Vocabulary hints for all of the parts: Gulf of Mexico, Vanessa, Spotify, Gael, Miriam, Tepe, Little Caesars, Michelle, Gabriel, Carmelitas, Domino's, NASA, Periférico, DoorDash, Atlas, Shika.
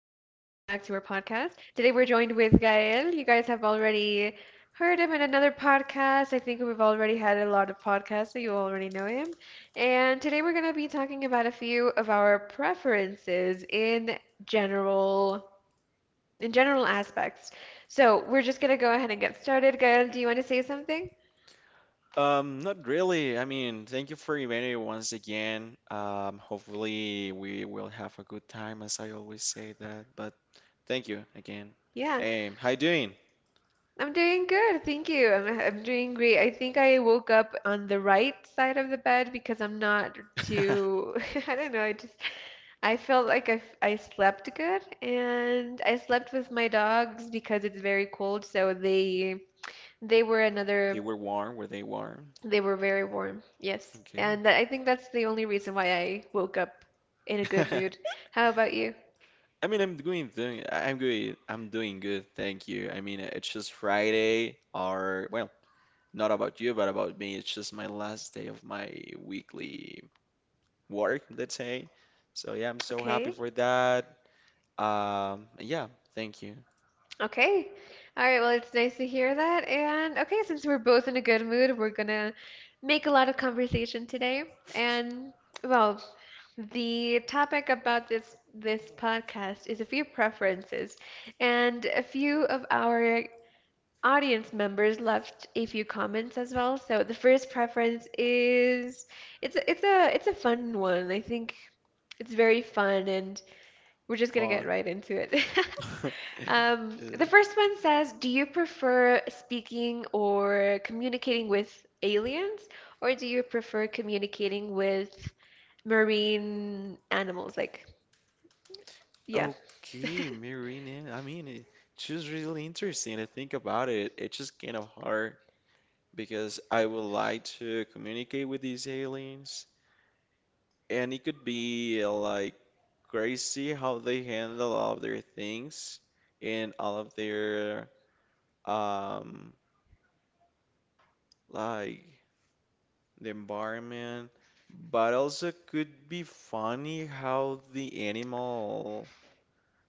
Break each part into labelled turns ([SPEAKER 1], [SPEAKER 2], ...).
[SPEAKER 1] to our podcast. Today, we're joined with Gael. You guys have already heard him in another podcast. I think we've already had a lot of podcasts, so you already know him. And today, we're going to be talking about a few of our preferences general, in general aspects. So, we're just going to go ahead and get started. Gael, do you want to say something?
[SPEAKER 2] Not really. I mean, thank you for inviting me once again. Hopefully we will have a good time, as I always say that. But thank you again.
[SPEAKER 1] Yeah.
[SPEAKER 2] How you doing?
[SPEAKER 1] I'm doing good, thank you. I'm doing great. I think I woke up on the right side of the bed because I'm not too, I don't know, I felt like I slept good and I slept with my dogs because it's very cold, so they were
[SPEAKER 2] You
[SPEAKER 1] another,
[SPEAKER 2] were warm. Were they warm?
[SPEAKER 1] they were very warm. Yes.
[SPEAKER 2] Okay.
[SPEAKER 1] And I think that's the only reason why I woke up in a good mood. How about you?
[SPEAKER 2] I mean, I'm I'm good. I'm doing good. Thank you. I mean, it's just Friday, or well, not about you, but about me. It's just my last day of my weekly work, let's say. So yeah, I'm so happy
[SPEAKER 1] Okay.
[SPEAKER 2] for that. Yeah, thank you.
[SPEAKER 1] Okay. All right. Well, it's nice to hear that. And okay, since we're both in a good mood, we're gonna make a lot of conversation today. And well, the topic about this podcast is a few preferences, and a few of our audience members left a few comments as well. So the first preference is it's a fun one. I think it's very fun, and we're just gonna get
[SPEAKER 2] Fun.
[SPEAKER 1] right into it.
[SPEAKER 2] Uh,
[SPEAKER 1] The first one says, do you prefer speaking or communicating with aliens, or do you prefer communicating with marine animals? Like, yeah.
[SPEAKER 2] Okay, Marina. I mean, it's just really interesting to think about it. It's just kind of hard because I would like to communicate with these aliens, and it could be like crazy how they handle all of their things and all of their um like the environment, but also could be funny how the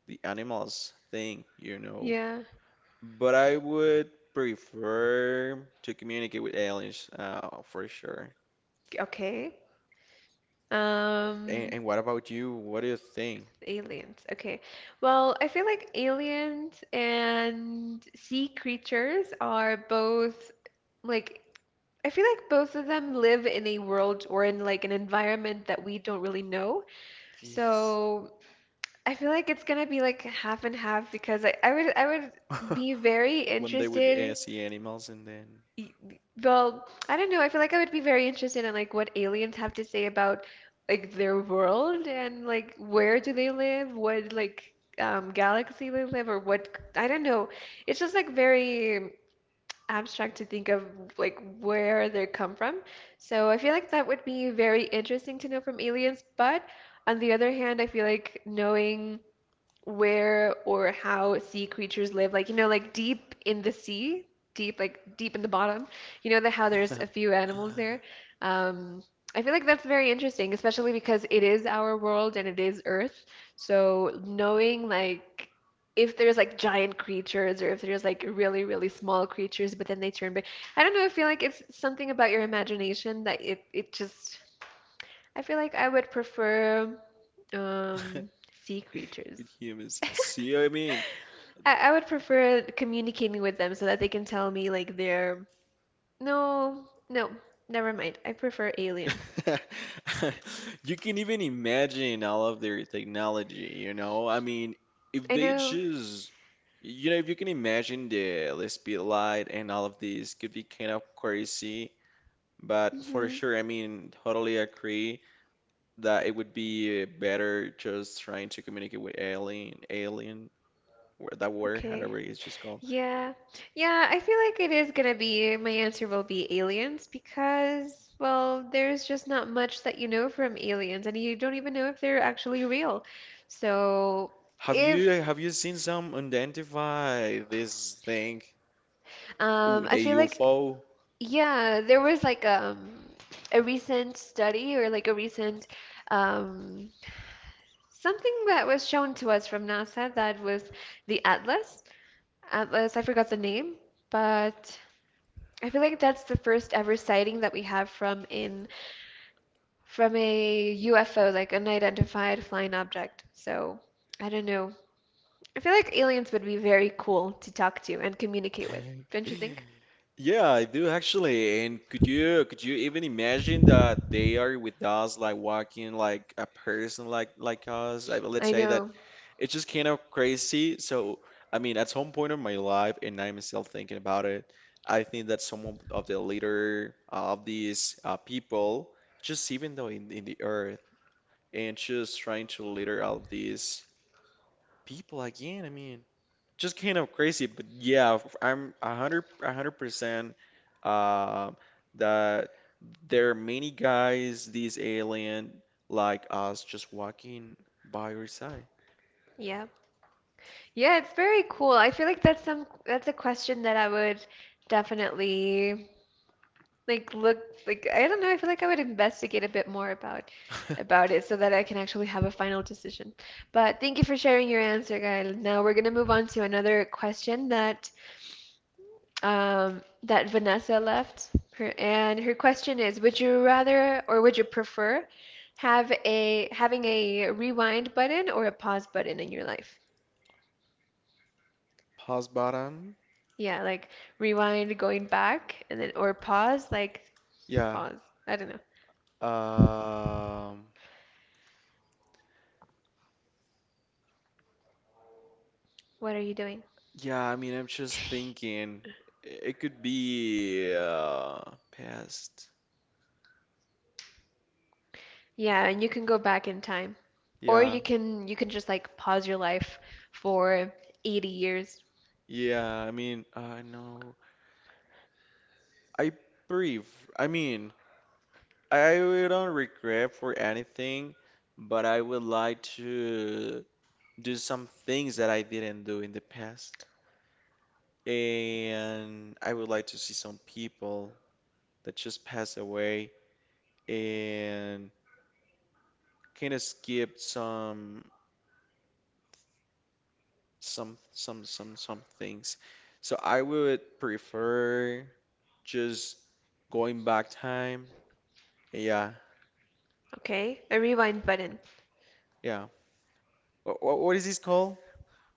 [SPEAKER 2] the animals think, you know.
[SPEAKER 1] Yeah.
[SPEAKER 2] But I would prefer to communicate with aliens, for sure.
[SPEAKER 1] Okay.
[SPEAKER 2] And,
[SPEAKER 1] Um,
[SPEAKER 2] and what about you? What do you think?
[SPEAKER 1] Aliens. Okay. Well, I feel like aliens and sea creatures are both like I feel like both of them live in a world or in like an environment that we don't really know.
[SPEAKER 2] Jeez.
[SPEAKER 1] So I feel like it's gonna be like half and half because I would be very
[SPEAKER 2] One day with
[SPEAKER 1] interested.
[SPEAKER 2] see animals and then
[SPEAKER 1] y- Well, I don't know. I feel like I would be very interested in like what aliens have to say about like their world and like where do they live, what like galaxy they live, or what I don't know. It's just like very abstract to think of like where they come from. So I feel like that would be very interesting to know from aliens. But on the other hand, I feel like knowing where or how sea creatures live, like you know, like deep in the sea, deep like deep in the bottom. You know that how there's a few animals there. Um, I feel like that's very interesting, especially because it is our world and it is Earth. So knowing like if there's like giant creatures or if there's like really really small creatures, but then they turn big. I don't know. I feel like it's something about your imagination that it just. I feel like I would prefer um, sea creatures.
[SPEAKER 2] with humans. See what I mean?
[SPEAKER 1] I would prefer communicating with them so that they can tell me like they're no, no, never mind. I prefer aliens.
[SPEAKER 2] You can even imagine all of their technology, you know? I mean, if
[SPEAKER 1] I
[SPEAKER 2] they
[SPEAKER 1] know.
[SPEAKER 2] you know, if you can imagine the LSP light and all of this could be kind of crazy, but for
[SPEAKER 1] Hmm.
[SPEAKER 2] sure, I mean, totally agree that it would be better just trying to communicate with alien, that word,
[SPEAKER 1] Okay.
[SPEAKER 2] however it's just called.
[SPEAKER 1] Yeah. Yeah, I feel like it is gonna be my answer will be aliens because, well, there's just not much that you know from aliens and you don't even know if they're actually real. So,
[SPEAKER 2] Have you
[SPEAKER 1] if
[SPEAKER 2] have you seen some identify this thing? Ooh,
[SPEAKER 1] I
[SPEAKER 2] the
[SPEAKER 1] feel like
[SPEAKER 2] UFO?
[SPEAKER 1] yeah, there was like a recent study or like a recent um something that was shown to us from NASA that was the Atlas. Atlas, I forgot the name, but I feel like that's the first ever sighting that we have from in from a UFO, like an unidentified flying object. So, I don't know. I feel like aliens would be very cool to talk to and communicate with, don't you think?
[SPEAKER 2] Yeah, I do actually. And could you even imagine that they are with us, like walking like a person like us? I let's
[SPEAKER 1] I
[SPEAKER 2] say that
[SPEAKER 1] know.
[SPEAKER 2] it's just kind of crazy. So I mean, at some point in my life, and I'm still thinking about it, I think that some of the leader of these people, just even though in the earth, and just trying to leader all of these people again. I mean just kind of crazy, but yeah, I'm 100% uh, that there are many guys, these alien like us, just walking by your side.
[SPEAKER 1] Yeah. Yeah, it's very cool. I feel like that's a question that I would definitely like look like I don't know, I feel like I would investigate a bit more about it so that I can actually have a final decision. But thank you for sharing your answer, Gael. Now we're gonna move on to another question that that Vanessa left. Her, and her question is, would you rather or would you prefer have a having a rewind button or a pause button in your life?
[SPEAKER 2] Pause bottom.
[SPEAKER 1] Yeah, like rewind going back and then or pause, like
[SPEAKER 2] Yeah.
[SPEAKER 1] pause. I don't know.
[SPEAKER 2] Um.
[SPEAKER 1] What are you doing?
[SPEAKER 2] Yeah. I mean, I'm just thinking it could be past.
[SPEAKER 1] Yeah, and you can go back in time. Or
[SPEAKER 2] Yeah.
[SPEAKER 1] you can just like pause your life for 80 years,
[SPEAKER 2] Yeah. I mean, I know. I breathe. I mean, I really don't regret for anything, but I would like to do some things that I didn't do in the past. And I would like to see some people that just passed away and kind of skip some things. So I would prefer just going back time. Yeah,
[SPEAKER 1] okay? A rewind button.
[SPEAKER 2] yeah. What is this called?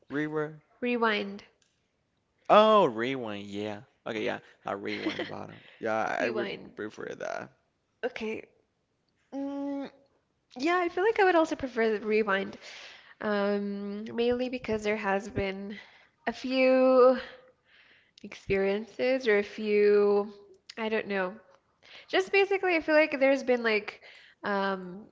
[SPEAKER 2] Rewind?
[SPEAKER 1] Rewind.
[SPEAKER 2] Oh, rewind. Yeah. Okay. Yeah. A rewind bottom. Yeah, I would
[SPEAKER 1] Rewind.
[SPEAKER 2] prefer that.
[SPEAKER 1] Okay. Mm, yeah, I feel like I would also prefer the rewind. Mainly because there has been a few experiences or a few, I don't know. Just basically, I feel like there's been like um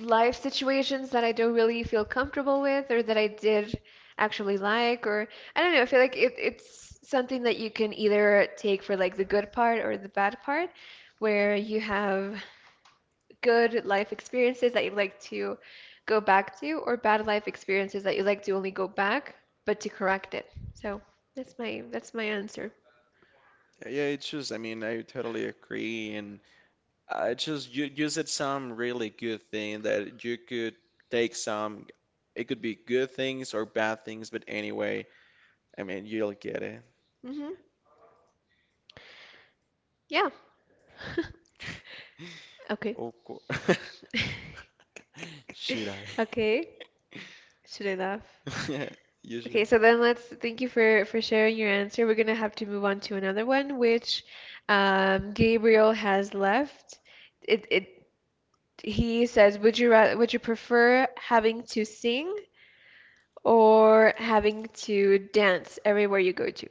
[SPEAKER 1] life situations that I don't really feel comfortable with or that I did actually like or I don't know, I feel like it's something that you can either take for like the good part or the bad part, where you have good life experiences that you like to go back to or bad life experiences that you like to only go back but to correct it. So that's my answer.
[SPEAKER 2] Yeah, it's just, I mean, I totally agree. And I just, you said some really good thing that you could take some, it could be good things or bad things, but anyway, I mean, you'll get it.
[SPEAKER 1] Hmm. Yeah. Okay.
[SPEAKER 2] Of course. Should I?
[SPEAKER 1] Okay. Should I laugh?
[SPEAKER 2] Yeah, you
[SPEAKER 1] Okay,
[SPEAKER 2] should.
[SPEAKER 1] so then let's thank you for sharing your answer. We're gonna have to move on to another one, which Gabriel has left. It he says, would you rather would you prefer having to sing or having to dance everywhere you go to?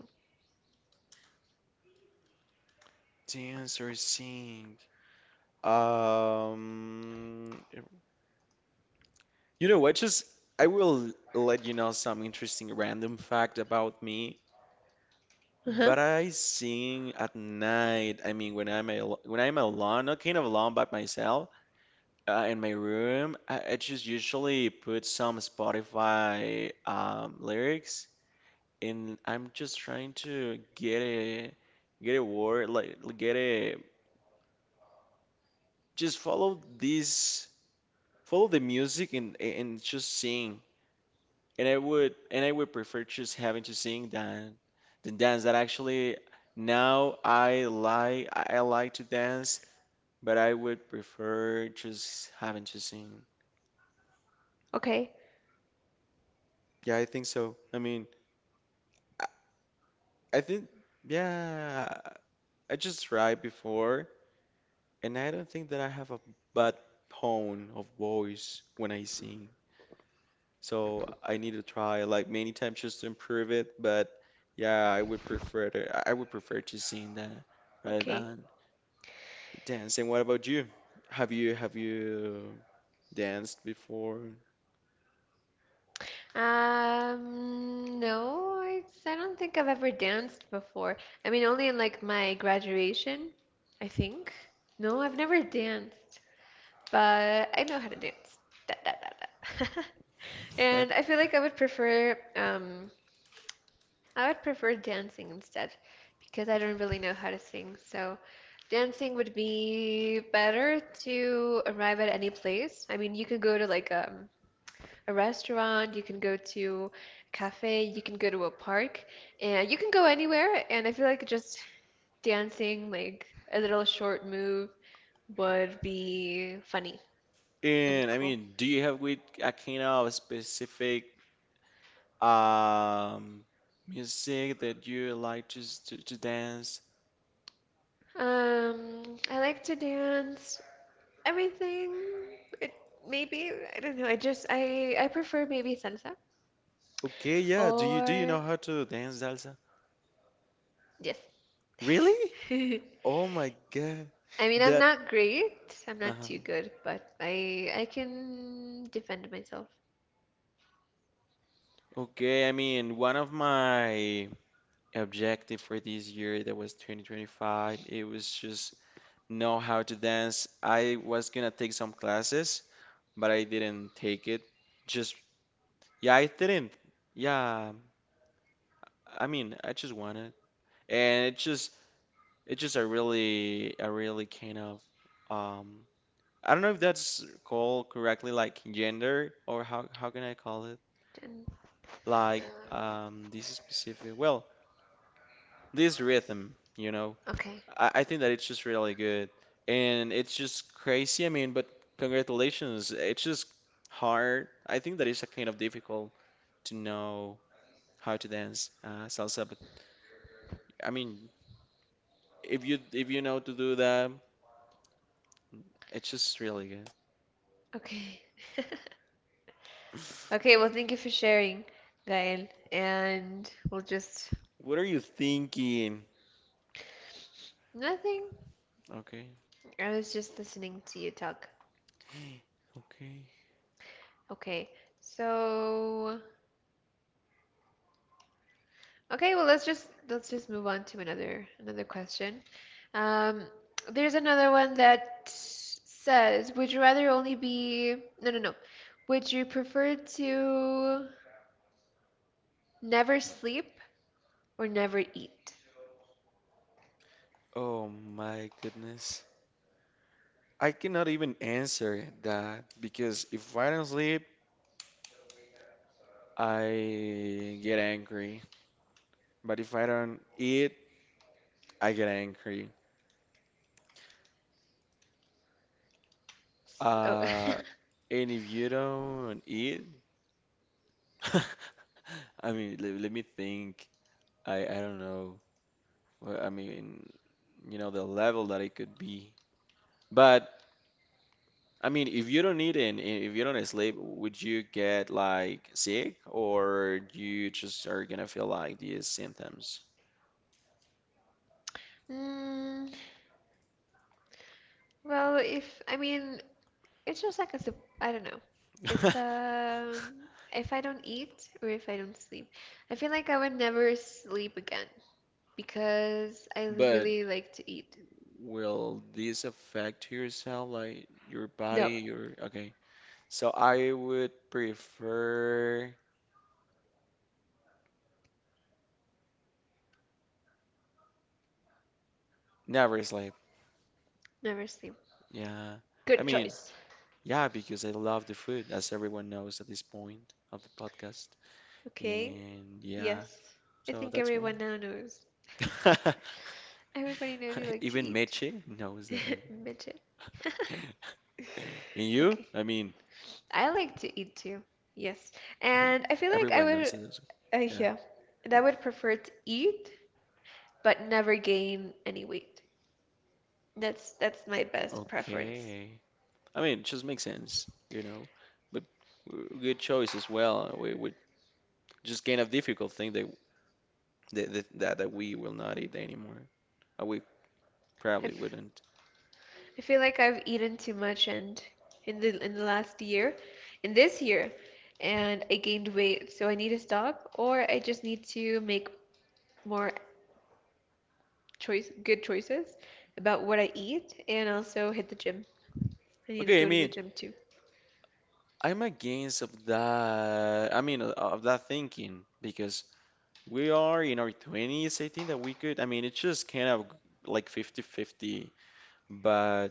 [SPEAKER 2] Dance or sing? Um, You know, I will let you know some interesting random fact about me.
[SPEAKER 1] Uh-huh.
[SPEAKER 2] But I sing at night. I mean, when I'm alone, not kind of alone by myself, in my room, I just usually put some Spotify lyrics, and I'm just trying to get a just follow the music and just sing. And I would prefer just having to sing than dance. That actually now I like to dance, but I would prefer just having to sing.
[SPEAKER 1] Okay.
[SPEAKER 2] Yeah, I think so. I mean, I, I think yeah, I just tried before, and I don't think that I have a bad tone of voice when I sing. So I need to try like many times just to improve it. But yeah, I would prefer to sing that rather
[SPEAKER 1] Okay.
[SPEAKER 2] than dancing, what about you? Have you danced before?
[SPEAKER 1] No, I don't think I've ever danced before. I mean, only in like my graduation, I think. No, I've never danced. But I know how to dance. Da, da, da, da. And I feel like I would prefer dancing instead because I don't really know how to sing. So dancing would be better to arrive at any place. I mean, you can go to like a restaurant, you can go to a cafe, you can go to a park, and you can go anywhere. And I feel like just dancing like a little short move would be funny and
[SPEAKER 2] And I
[SPEAKER 1] cool.
[SPEAKER 2] mean, do you have with a kind of specific um music that you like to to dance?
[SPEAKER 1] Um, I like to dance. Everything. It, maybe I don't know. I just I prefer maybe salsa
[SPEAKER 2] Okay, yeah. Do you
[SPEAKER 1] or
[SPEAKER 2] know how to dance salsa?
[SPEAKER 1] yes.
[SPEAKER 2] Really?
[SPEAKER 1] I
[SPEAKER 2] Oh my God.
[SPEAKER 1] mean, I'm
[SPEAKER 2] That
[SPEAKER 1] not great. I'm not
[SPEAKER 2] uh
[SPEAKER 1] too good, but I can defend myself.
[SPEAKER 2] okay, I mean, one of my objective for this year that was 2025. It was just know how to dance. I was gonna take some classes, but I didn't take it. Just, yeah, I didn't. Yeah, I mean, I just wanted. And it just, it's just a really kind of, um, I don't know if that's called correctly, like gender, or how can I call it?
[SPEAKER 1] And
[SPEAKER 2] Like,
[SPEAKER 1] um,
[SPEAKER 2] this this rhythm, you know,
[SPEAKER 1] okay,
[SPEAKER 2] I think that it's just really good. And it's just crazy. I mean, but congratulations. It's just hard. I think that it's a kind of difficult to know how to dance salsa. But I mean, if you know to do that, it's just really good.
[SPEAKER 1] okay, okay. Well, thank you for sharing, Gael. And we'll just
[SPEAKER 2] What are you thinking?
[SPEAKER 1] nothing.
[SPEAKER 2] Okay.
[SPEAKER 1] I was just listening to you talk.
[SPEAKER 2] Okay.
[SPEAKER 1] Okay, so okay, well let's just move on to another question. Um, there's another one that says, would you rather only be no no no. Would you prefer to never sleep or never eat?
[SPEAKER 2] Oh my goodness. I cannot even answer that because if I don't sleep, I get angry. But if I don't eat, I get angry.
[SPEAKER 1] So,
[SPEAKER 2] Uh, and if you don't eat, I mean, let me think. I don't know. Well, I mean, you know, the level that it could be. But I mean, if you don't eat and if you don't sleep, would you get like sick or you just are gonna feel like these symptoms?
[SPEAKER 1] mm, well, if I mean, it's just like a I don't know. It's if I don't eat or if I don't sleep, I feel like I would never sleep again. Because I
[SPEAKER 2] But
[SPEAKER 1] really like to eat.
[SPEAKER 2] will this affect yourself, like your
[SPEAKER 1] No.
[SPEAKER 2] body, your okay? So I would prefer never sleep.
[SPEAKER 1] Never sleep.
[SPEAKER 2] Yeah. I
[SPEAKER 1] Good
[SPEAKER 2] mean,
[SPEAKER 1] choice.
[SPEAKER 2] yeah, because I love the food, as everyone knows at this point of the podcast.
[SPEAKER 1] Okay.
[SPEAKER 2] And yeah,
[SPEAKER 1] Yes. I
[SPEAKER 2] so
[SPEAKER 1] think
[SPEAKER 2] that's why.
[SPEAKER 1] everyone now knows. Everybody knows you like to
[SPEAKER 2] Even
[SPEAKER 1] eat.
[SPEAKER 2] Meche knows that I
[SPEAKER 1] Midget.
[SPEAKER 2] would. And you?
[SPEAKER 1] Okay.
[SPEAKER 2] I mean,
[SPEAKER 1] I like to eat too. Yes. And I feel like I
[SPEAKER 2] everyone knows
[SPEAKER 1] would,
[SPEAKER 2] that as well. Yeah.
[SPEAKER 1] yeah, and I would prefer to eat but never gain any weight. That's my best preference.
[SPEAKER 2] Okay. I mean, it just makes sense, you know. But good choice as well. We would just kind of difficult thing that that that we will not eat anymore. We probably
[SPEAKER 1] If
[SPEAKER 2] wouldn't.
[SPEAKER 1] I feel like I've eaten too much and in the last year, in this year, and I gained weight, so I need to stop, or I just need to make more choice good choices about what I eat and also hit the gym. I need to
[SPEAKER 2] Okay, I
[SPEAKER 1] go to the
[SPEAKER 2] mean,
[SPEAKER 1] gym too.
[SPEAKER 2] I'm against of that. I mean, of that thinking because we are in our 20s. I think that we could. I mean, it's just kind of like 50-50. But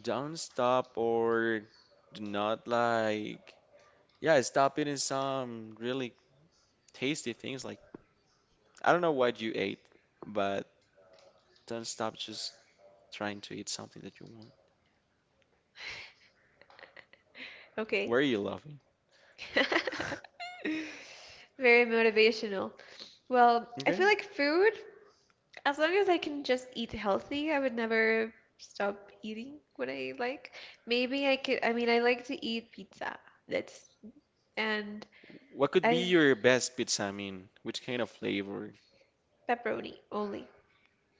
[SPEAKER 2] don't stop or do not like. Yeah, stop eating some really tasty things. Like I don't know what you ate, but don't stop just trying to eat something that you want.
[SPEAKER 1] Okay.
[SPEAKER 2] Where are you laughing?
[SPEAKER 1] Very motivational. Well, I
[SPEAKER 2] Okay.
[SPEAKER 1] feel like food as long as I can just eat healthy, I would never stop eating what I like. Maybe I could, I mean, I like to eat pizza. That's, and
[SPEAKER 2] What could be
[SPEAKER 1] I,
[SPEAKER 2] your best pizza? I mean, which kind of flavor?
[SPEAKER 1] pepperoni only.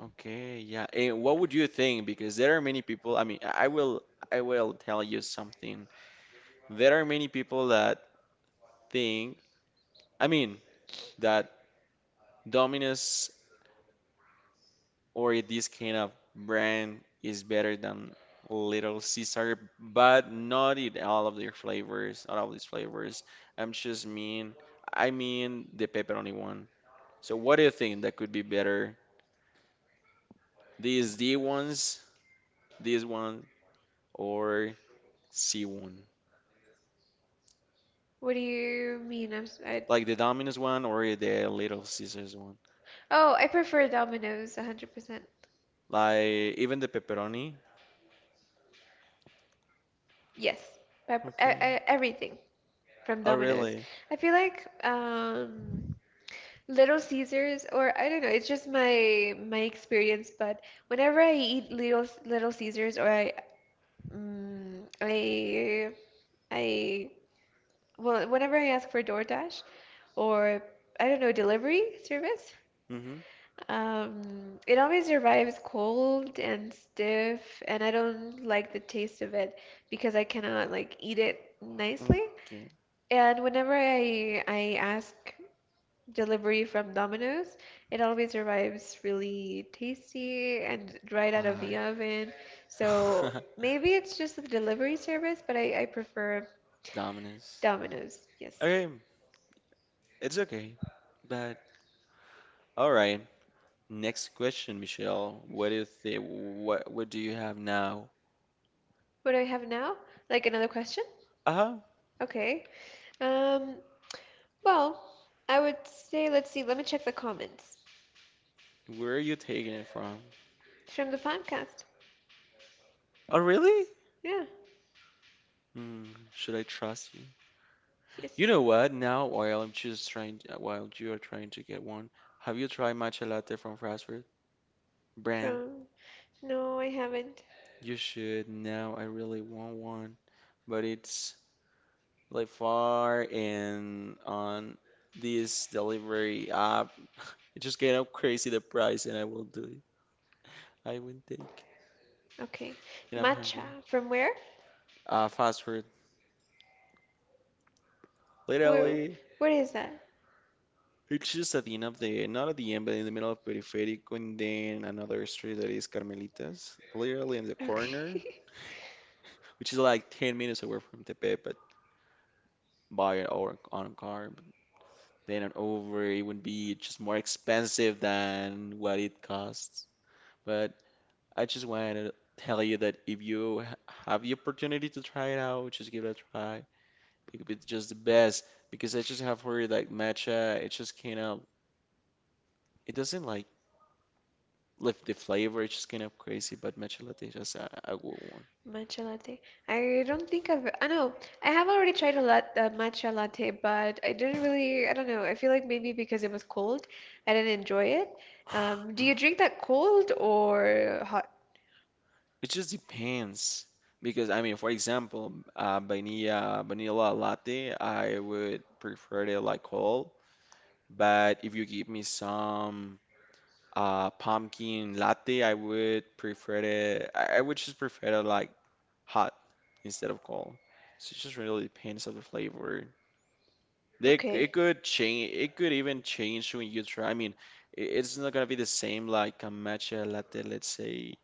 [SPEAKER 2] Okay, yeah. And what would you think? Because there are many people, I mean, I will tell you something. There are many people that think, I mean, that Domino's or this kind of brand is better than Little Caesar, but not in all of their flavors, not all of these flavors. I'm just mean, I mean the pepperoni one. So what do you think that could be better? These D ones, this one, or C one.
[SPEAKER 1] What do you mean?
[SPEAKER 2] Like the Domino's one or the Little Caesars one.
[SPEAKER 1] Oh, I prefer Domino's 100%.
[SPEAKER 2] Like even the pepperoni.
[SPEAKER 1] Yes, pepper,
[SPEAKER 2] Okay.
[SPEAKER 1] everything from
[SPEAKER 2] Oh,
[SPEAKER 1] Domino's.
[SPEAKER 2] really?
[SPEAKER 1] I feel like, Little Caesars, or I don't know, it's just my experience, but whenever I eat Little Caesars or I mm, I well, whenever I ask for DoorDash or I don't know, delivery service,
[SPEAKER 2] Mm-hmm.
[SPEAKER 1] it always arrives cold and stiff, and I don't like the taste of it because I cannot like eat it nicely.
[SPEAKER 2] Okay.
[SPEAKER 1] And whenever I ask delivery from Domino's, it always arrives really tasty and right out of the
[SPEAKER 2] Hi.
[SPEAKER 1] oven. So maybe it's just the delivery service, but I prefer
[SPEAKER 2] Domino's.
[SPEAKER 1] Domino's. Yes.
[SPEAKER 2] Okay, it's okay. But all right. Next question, Michelle. What do you think? What do you have now?
[SPEAKER 1] What do I have now? Like another question?
[SPEAKER 2] Uh-huh.
[SPEAKER 1] Okay. Um, well, I would say, let's see, let me check the comments
[SPEAKER 2] Where are you taking it from?
[SPEAKER 1] from the podcast.
[SPEAKER 2] Oh, really?
[SPEAKER 1] Yeah,
[SPEAKER 2] Hmm. Should I trust you? You
[SPEAKER 1] yes.
[SPEAKER 2] know what? Now, while I'm just while you are trying to get one, have you tried matcha latte from fast food brand?
[SPEAKER 1] From, no, I haven't.
[SPEAKER 2] You should. Now, I really want one, but it's like far and on this delivery app. It just get up crazy the price, and I will do it. I will take,
[SPEAKER 1] Okay.
[SPEAKER 2] and I'm
[SPEAKER 1] Matcha.
[SPEAKER 2] hungry.
[SPEAKER 1] From where?
[SPEAKER 2] Fast food,
[SPEAKER 1] Where,
[SPEAKER 2] literally.
[SPEAKER 1] what is that?
[SPEAKER 2] It's just at the end of the, not at the end, but in the middle of Periférico, and then another street that is Carmelitas, literally in the
[SPEAKER 1] Okay.
[SPEAKER 2] corner, which is like 10 minutes away from Tepe, but by an hour on a car, but then an over, it would be just more expensive than what it costs. But I just wanted to tell you that if you have the opportunity to try it out, just give it a try. It could be just the best because I just have heard like matcha, it just kind of, it doesn't like lift the flavor, it's just kind of crazy, but matcha latte is just a good one.
[SPEAKER 1] Matcha latte. I don't think I've, I know, I have already tried a lot, matcha latte, but I didn't really, I don't know, I feel like maybe because it was cold, I didn't enjoy it. Do you drink that cold or hot?
[SPEAKER 2] It just depends because I mean, for example, vanilla latte, I would prefer it like cold. But if you give me some pumpkin latte, I would prefer it. I would just prefer it like hot instead of cold. So it just really depends on the flavor. They,
[SPEAKER 1] Okay.
[SPEAKER 2] it could change. It could even change when you try. I mean, it's not gonna be the same like a matcha latte, let's say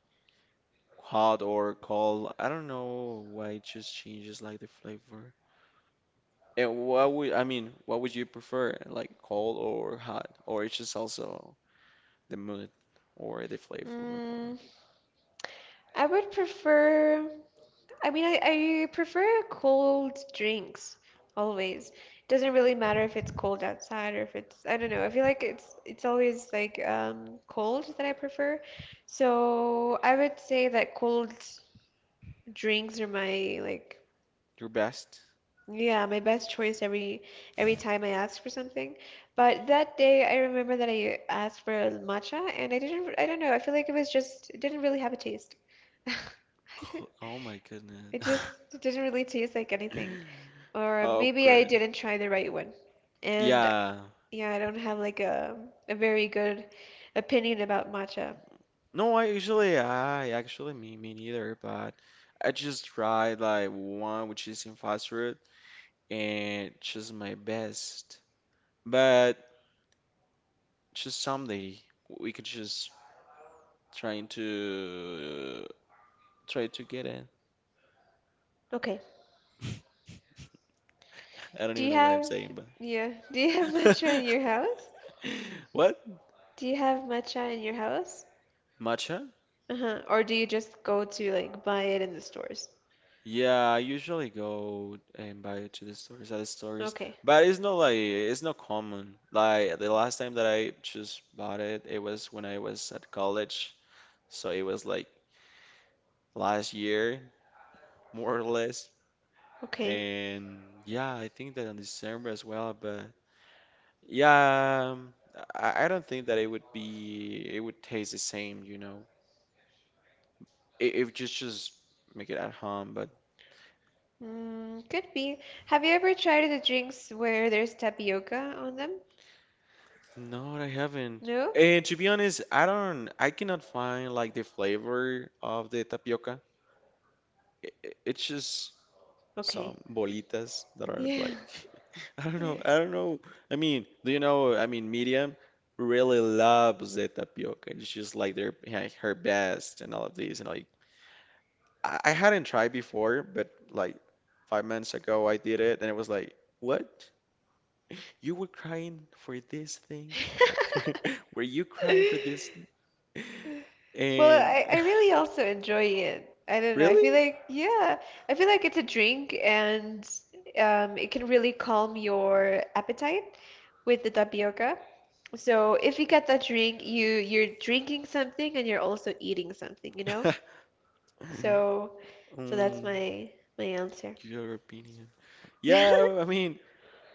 [SPEAKER 2] hot or cold. I don't know why it just changes like the flavor. And what would you prefer? Like cold or hot? Or it's just also the mood or the flavor or
[SPEAKER 1] Mm, I would prefer, I mean, I prefer cold drinks always. Doesn't really matter if it's cold outside or if it's, I don't know. I feel like it's always like cold that I prefer. So I would say that cold drinks are my like.
[SPEAKER 2] your best?
[SPEAKER 1] Yeah, my best choice every time I ask for something. But that day I remember that I asked for matcha and I don't know, I feel like it was just it didn't really have a taste.
[SPEAKER 2] Oh my goodness.
[SPEAKER 1] It just it didn't really taste like anything. Or
[SPEAKER 2] Of
[SPEAKER 1] maybe I
[SPEAKER 2] course.
[SPEAKER 1] didn't try the right one. And
[SPEAKER 2] Yeah.
[SPEAKER 1] yeah, I don't have like a very good opinion about matcha.
[SPEAKER 2] No, I usually I actually me neither, but I just tried like one which is in fast food and just my best. But Just someday we could just trying to uh, try to get it.
[SPEAKER 1] Okay.
[SPEAKER 2] I don't
[SPEAKER 1] Do
[SPEAKER 2] even
[SPEAKER 1] you
[SPEAKER 2] know what I'm
[SPEAKER 1] have
[SPEAKER 2] saying,
[SPEAKER 1] yeah, do you have
[SPEAKER 2] but
[SPEAKER 1] matcha in your house?
[SPEAKER 2] what?
[SPEAKER 1] Do you have matcha in your house?
[SPEAKER 2] Matcha?
[SPEAKER 1] Uh-huh. Or do you just go to like buy it in the stores?
[SPEAKER 2] Yeah, I usually go and buy it to the stores at the stores,
[SPEAKER 1] Okay.
[SPEAKER 2] but it's not common. Like the last time that I just bought it, it was when I was at college, so it was like last year, more or less.
[SPEAKER 1] Okay.
[SPEAKER 2] And yeah, I think that in December as well, but yeah, I don't think that it would taste the same, you know. It if just just make it at home, but
[SPEAKER 1] Could be. Have you ever tried the drinks where there's tapioca on them?
[SPEAKER 2] no, I haven't.
[SPEAKER 1] No?
[SPEAKER 2] And to be honest, I cannot find like the flavor of the tapioca. I it's just
[SPEAKER 1] Okay.
[SPEAKER 2] some bolitas that are
[SPEAKER 1] Yeah.
[SPEAKER 2] like I don't know. I mean, do you know, I mean, Miriam really loves the tapioca. It's just like their her best and all of these and like I hadn't tried before, but like 5 months ago I did it and it was like, what? You were crying for this thing? Or were you crying for this thing?
[SPEAKER 1] Well,
[SPEAKER 2] And
[SPEAKER 1] I really also enjoy it. I don't know. I
[SPEAKER 2] really?
[SPEAKER 1] feel like, yeah, I feel like it's a drink and it can really calm your appetite with the tapioca. So if you get that drink, you're drinking something and you're also eating something, you know? So so that's
[SPEAKER 2] Um,
[SPEAKER 1] my answer.
[SPEAKER 2] your opinion. Yeah, I mean,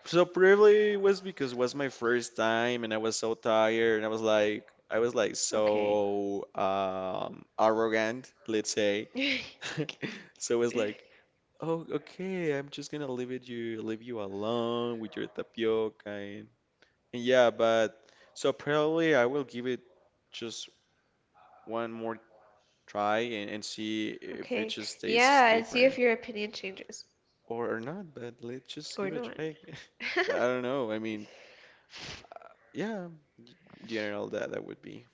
[SPEAKER 2] so probably it was because it was my first time and I was so tired and I was like
[SPEAKER 1] Okay.
[SPEAKER 2] so arrogant, let's say. So it was like, oh, okay. I'm just gonna leave it you leave you alone with your tapioca, and yeah, but so probably I will give it just one more try and see if it
[SPEAKER 1] Okay.
[SPEAKER 2] just tastes
[SPEAKER 1] Yeah, and see if
[SPEAKER 2] different
[SPEAKER 1] your opinion changes
[SPEAKER 2] or not, but let's just
[SPEAKER 1] or
[SPEAKER 2] give it a
[SPEAKER 1] not.
[SPEAKER 2] try again. I don't know. I mean, yeah, general that would be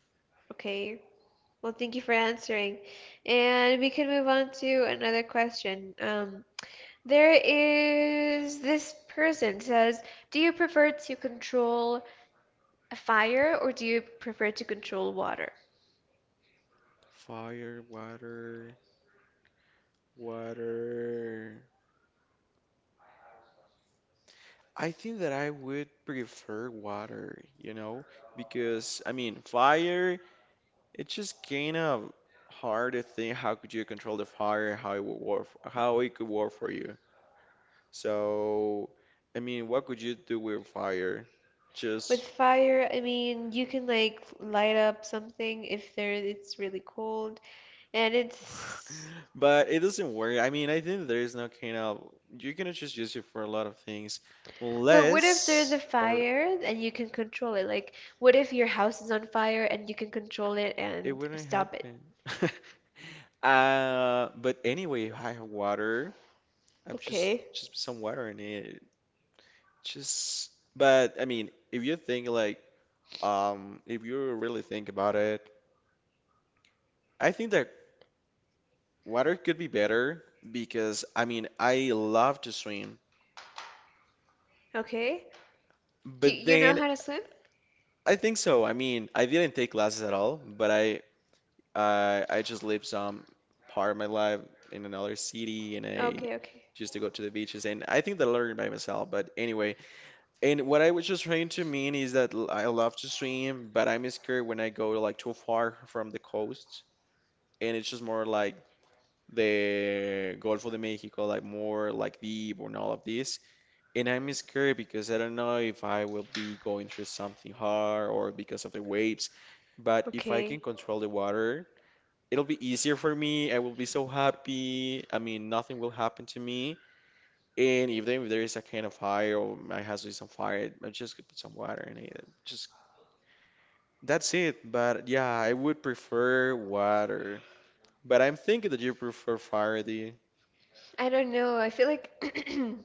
[SPEAKER 1] Okay. Well, thank you for answering. And we can move on to another question. There is this person says, "Do you prefer to control a fire or do you prefer to control water?"
[SPEAKER 2] fire, water, water. I think that I would prefer water, you know, because I mean, fire. It's just kind of hard to think how could you control the fire, how it would work, how it could work for you. So, I mean, what could you do with fire?
[SPEAKER 1] With
[SPEAKER 2] Just,
[SPEAKER 1] fire, I mean, you can like light up something if there it's really cold and it's.
[SPEAKER 2] but it doesn't work. I mean, I think there is no kind of, you cannot just use it for a lot of things,
[SPEAKER 1] But what if there's a
[SPEAKER 2] unless or
[SPEAKER 1] fire and you can control it? Like, what if your house is on fire and you can control it
[SPEAKER 2] it
[SPEAKER 1] and
[SPEAKER 2] wouldn't
[SPEAKER 1] stop it?
[SPEAKER 2] happen. But anyway, I have water. I've just
[SPEAKER 1] Okay.
[SPEAKER 2] just put some water in it. Just, but I mean, if you think like, if you really think about it, I think that water could be better because I mean, I love to swim,
[SPEAKER 1] Okay? Do
[SPEAKER 2] but
[SPEAKER 1] you know
[SPEAKER 2] then
[SPEAKER 1] how to swim?
[SPEAKER 2] I think so. I mean, I didn't take classes at all, but I, I just lived some part of my life in another city, and I
[SPEAKER 1] Okay, okay.
[SPEAKER 2] just to go to the beaches, and I think that I learned by myself. But anyway, and what I was just trying to mean is that I love to swim, but I'm scared when I go like too far from the coast. And it's just more like the Gulf of Mexico, like more like deep and all of this. And I'm scared because I don't know if I will be going through something hard or because of the waves. But if I can
[SPEAKER 1] Okay.
[SPEAKER 2] control the water, it'll be easier for me. I will be so happy. I mean, nothing will happen to me. And if there is a kind of fire or my house is on fire, I just could put some water in it. Just that's it. But yeah, I would prefer water. But I'm thinking that you prefer fire.
[SPEAKER 1] I don't know. I feel like.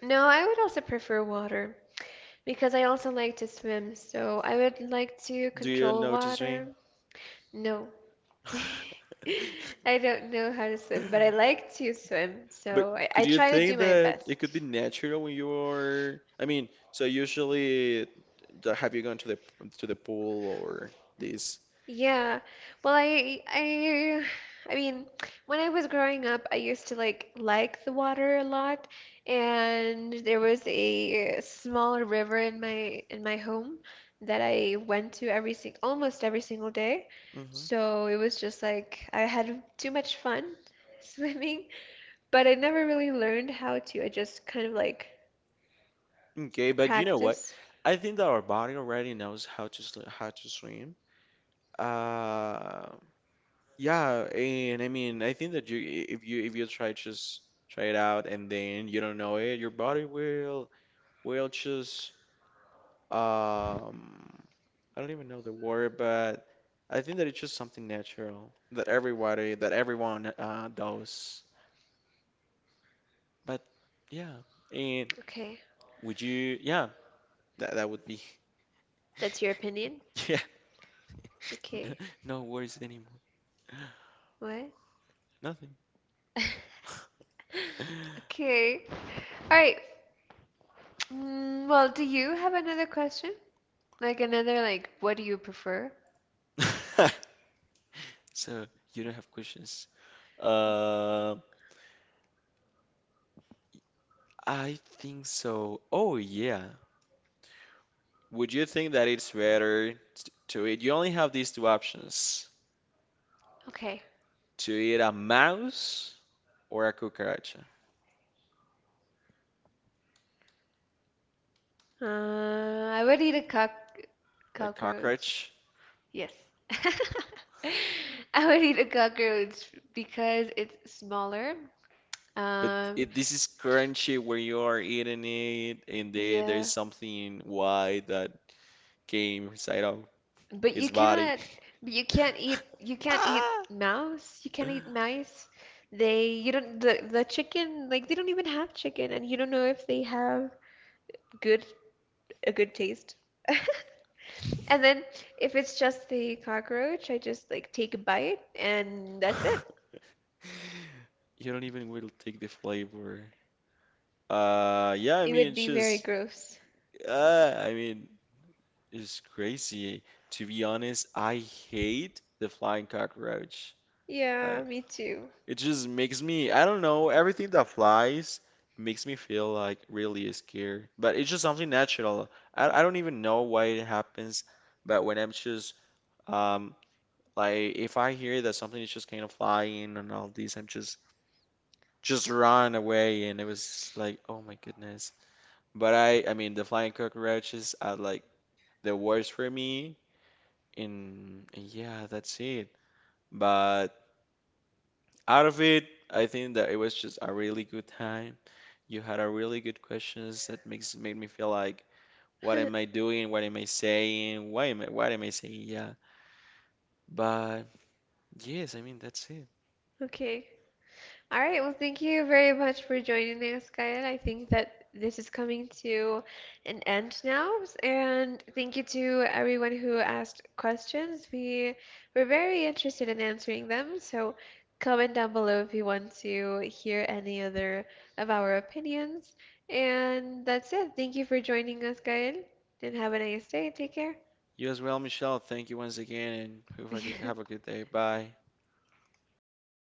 [SPEAKER 1] No, I would also prefer water because I also like to swim, so I would like to
[SPEAKER 2] Do you
[SPEAKER 1] control
[SPEAKER 2] notice me?
[SPEAKER 1] water. No. I don't know how to swim, but I like to swim,
[SPEAKER 2] But
[SPEAKER 1] so I
[SPEAKER 2] could you
[SPEAKER 1] try to do
[SPEAKER 2] think
[SPEAKER 1] my
[SPEAKER 2] that it could
[SPEAKER 1] best.
[SPEAKER 2] be natural when you're? I mean, so usually, have you gone to the pool or this?
[SPEAKER 1] Yeah. Well, I mean, when I was growing up, I used to like the water a lot, and there was a small river in my home that I went to every sing almost every single day.
[SPEAKER 2] Hmm.
[SPEAKER 1] So it was just like I had too much fun swimming, but I never really learned how to. I just kind of like.
[SPEAKER 2] Okay, but you know what?
[SPEAKER 1] Practice.
[SPEAKER 2] I think that our body already knows how to swim. Uh, yeah, and I mean, I think that you, if you try just try it out, and then you don't know it, your body will just, um, I don't even know the word, but I think that it's just something natural that that everyone, does. But yeah, and
[SPEAKER 1] Okay,
[SPEAKER 2] would you, yeah, that that would be,
[SPEAKER 1] that's your opinion?
[SPEAKER 2] yeah,
[SPEAKER 1] Okay,
[SPEAKER 2] no worries anymore,
[SPEAKER 1] what?
[SPEAKER 2] nothing.
[SPEAKER 1] Okay. All right. Well, do you have another question? Like another, like, what do you prefer?
[SPEAKER 2] So you don't have questions? Uh, I think so. Oh yeah. Would you think that it's better to eat? You only have these two options:
[SPEAKER 1] Okay.
[SPEAKER 2] to eat a mouse or a cucaracha,
[SPEAKER 1] Uh, I would eat a
[SPEAKER 2] like
[SPEAKER 1] cockroach.
[SPEAKER 2] cockroach.
[SPEAKER 1] Yes. I would eat a cockroach because it's smaller.
[SPEAKER 2] But
[SPEAKER 1] Um,
[SPEAKER 2] it, this is crunchy where you are eating it, and then
[SPEAKER 1] yeah.
[SPEAKER 2] there's something white that came inside of
[SPEAKER 1] But you
[SPEAKER 2] its body.
[SPEAKER 1] cannot, but you can't eat
[SPEAKER 2] Ah!
[SPEAKER 1] mouse, you can't eat mice. The chicken, like they don't even have chicken and you don't know if they have good, a good taste. And then if it's just the cockroach, I just like take a bite and that's it.
[SPEAKER 2] You don't even will take the flavor. Yeah, I
[SPEAKER 1] It
[SPEAKER 2] mean,
[SPEAKER 1] would
[SPEAKER 2] it's
[SPEAKER 1] be very
[SPEAKER 2] just,
[SPEAKER 1] gross.
[SPEAKER 2] I mean, it's crazy. To be honest, I hate the flying cockroach. Uh,
[SPEAKER 1] Yeah, me too.
[SPEAKER 2] it just makes me, I don't know, everything that flies makes me feel like really scared. But it's just something natural. I don't even know why it happens. But when I'm just, um, like, if I hear that something is just kind of flying and all these, I'm just run away. And it was like, oh my goodness. But I mean, the flying cockroaches are like the worst for me. And yeah, that's it. But out of it, I think that it was just a really good time. You had a really good questions that makes made me feel like, what am I doing? What am I saying? What am I saying? Yeah. But yes, I mean, that's it.
[SPEAKER 1] Okay. All right, well, thank you very much for joining us, Kyle. I think that this is coming to an end now, and thank you to everyone who asked questions. We were very interested in answering them, so comment down below if you want to hear any other of our opinions. And that's it. Thank you for joining us, Kyle, and have a nice day. Take care.
[SPEAKER 2] You as well, Michelle. Thank you once again, and hope I could have a good day. Bye.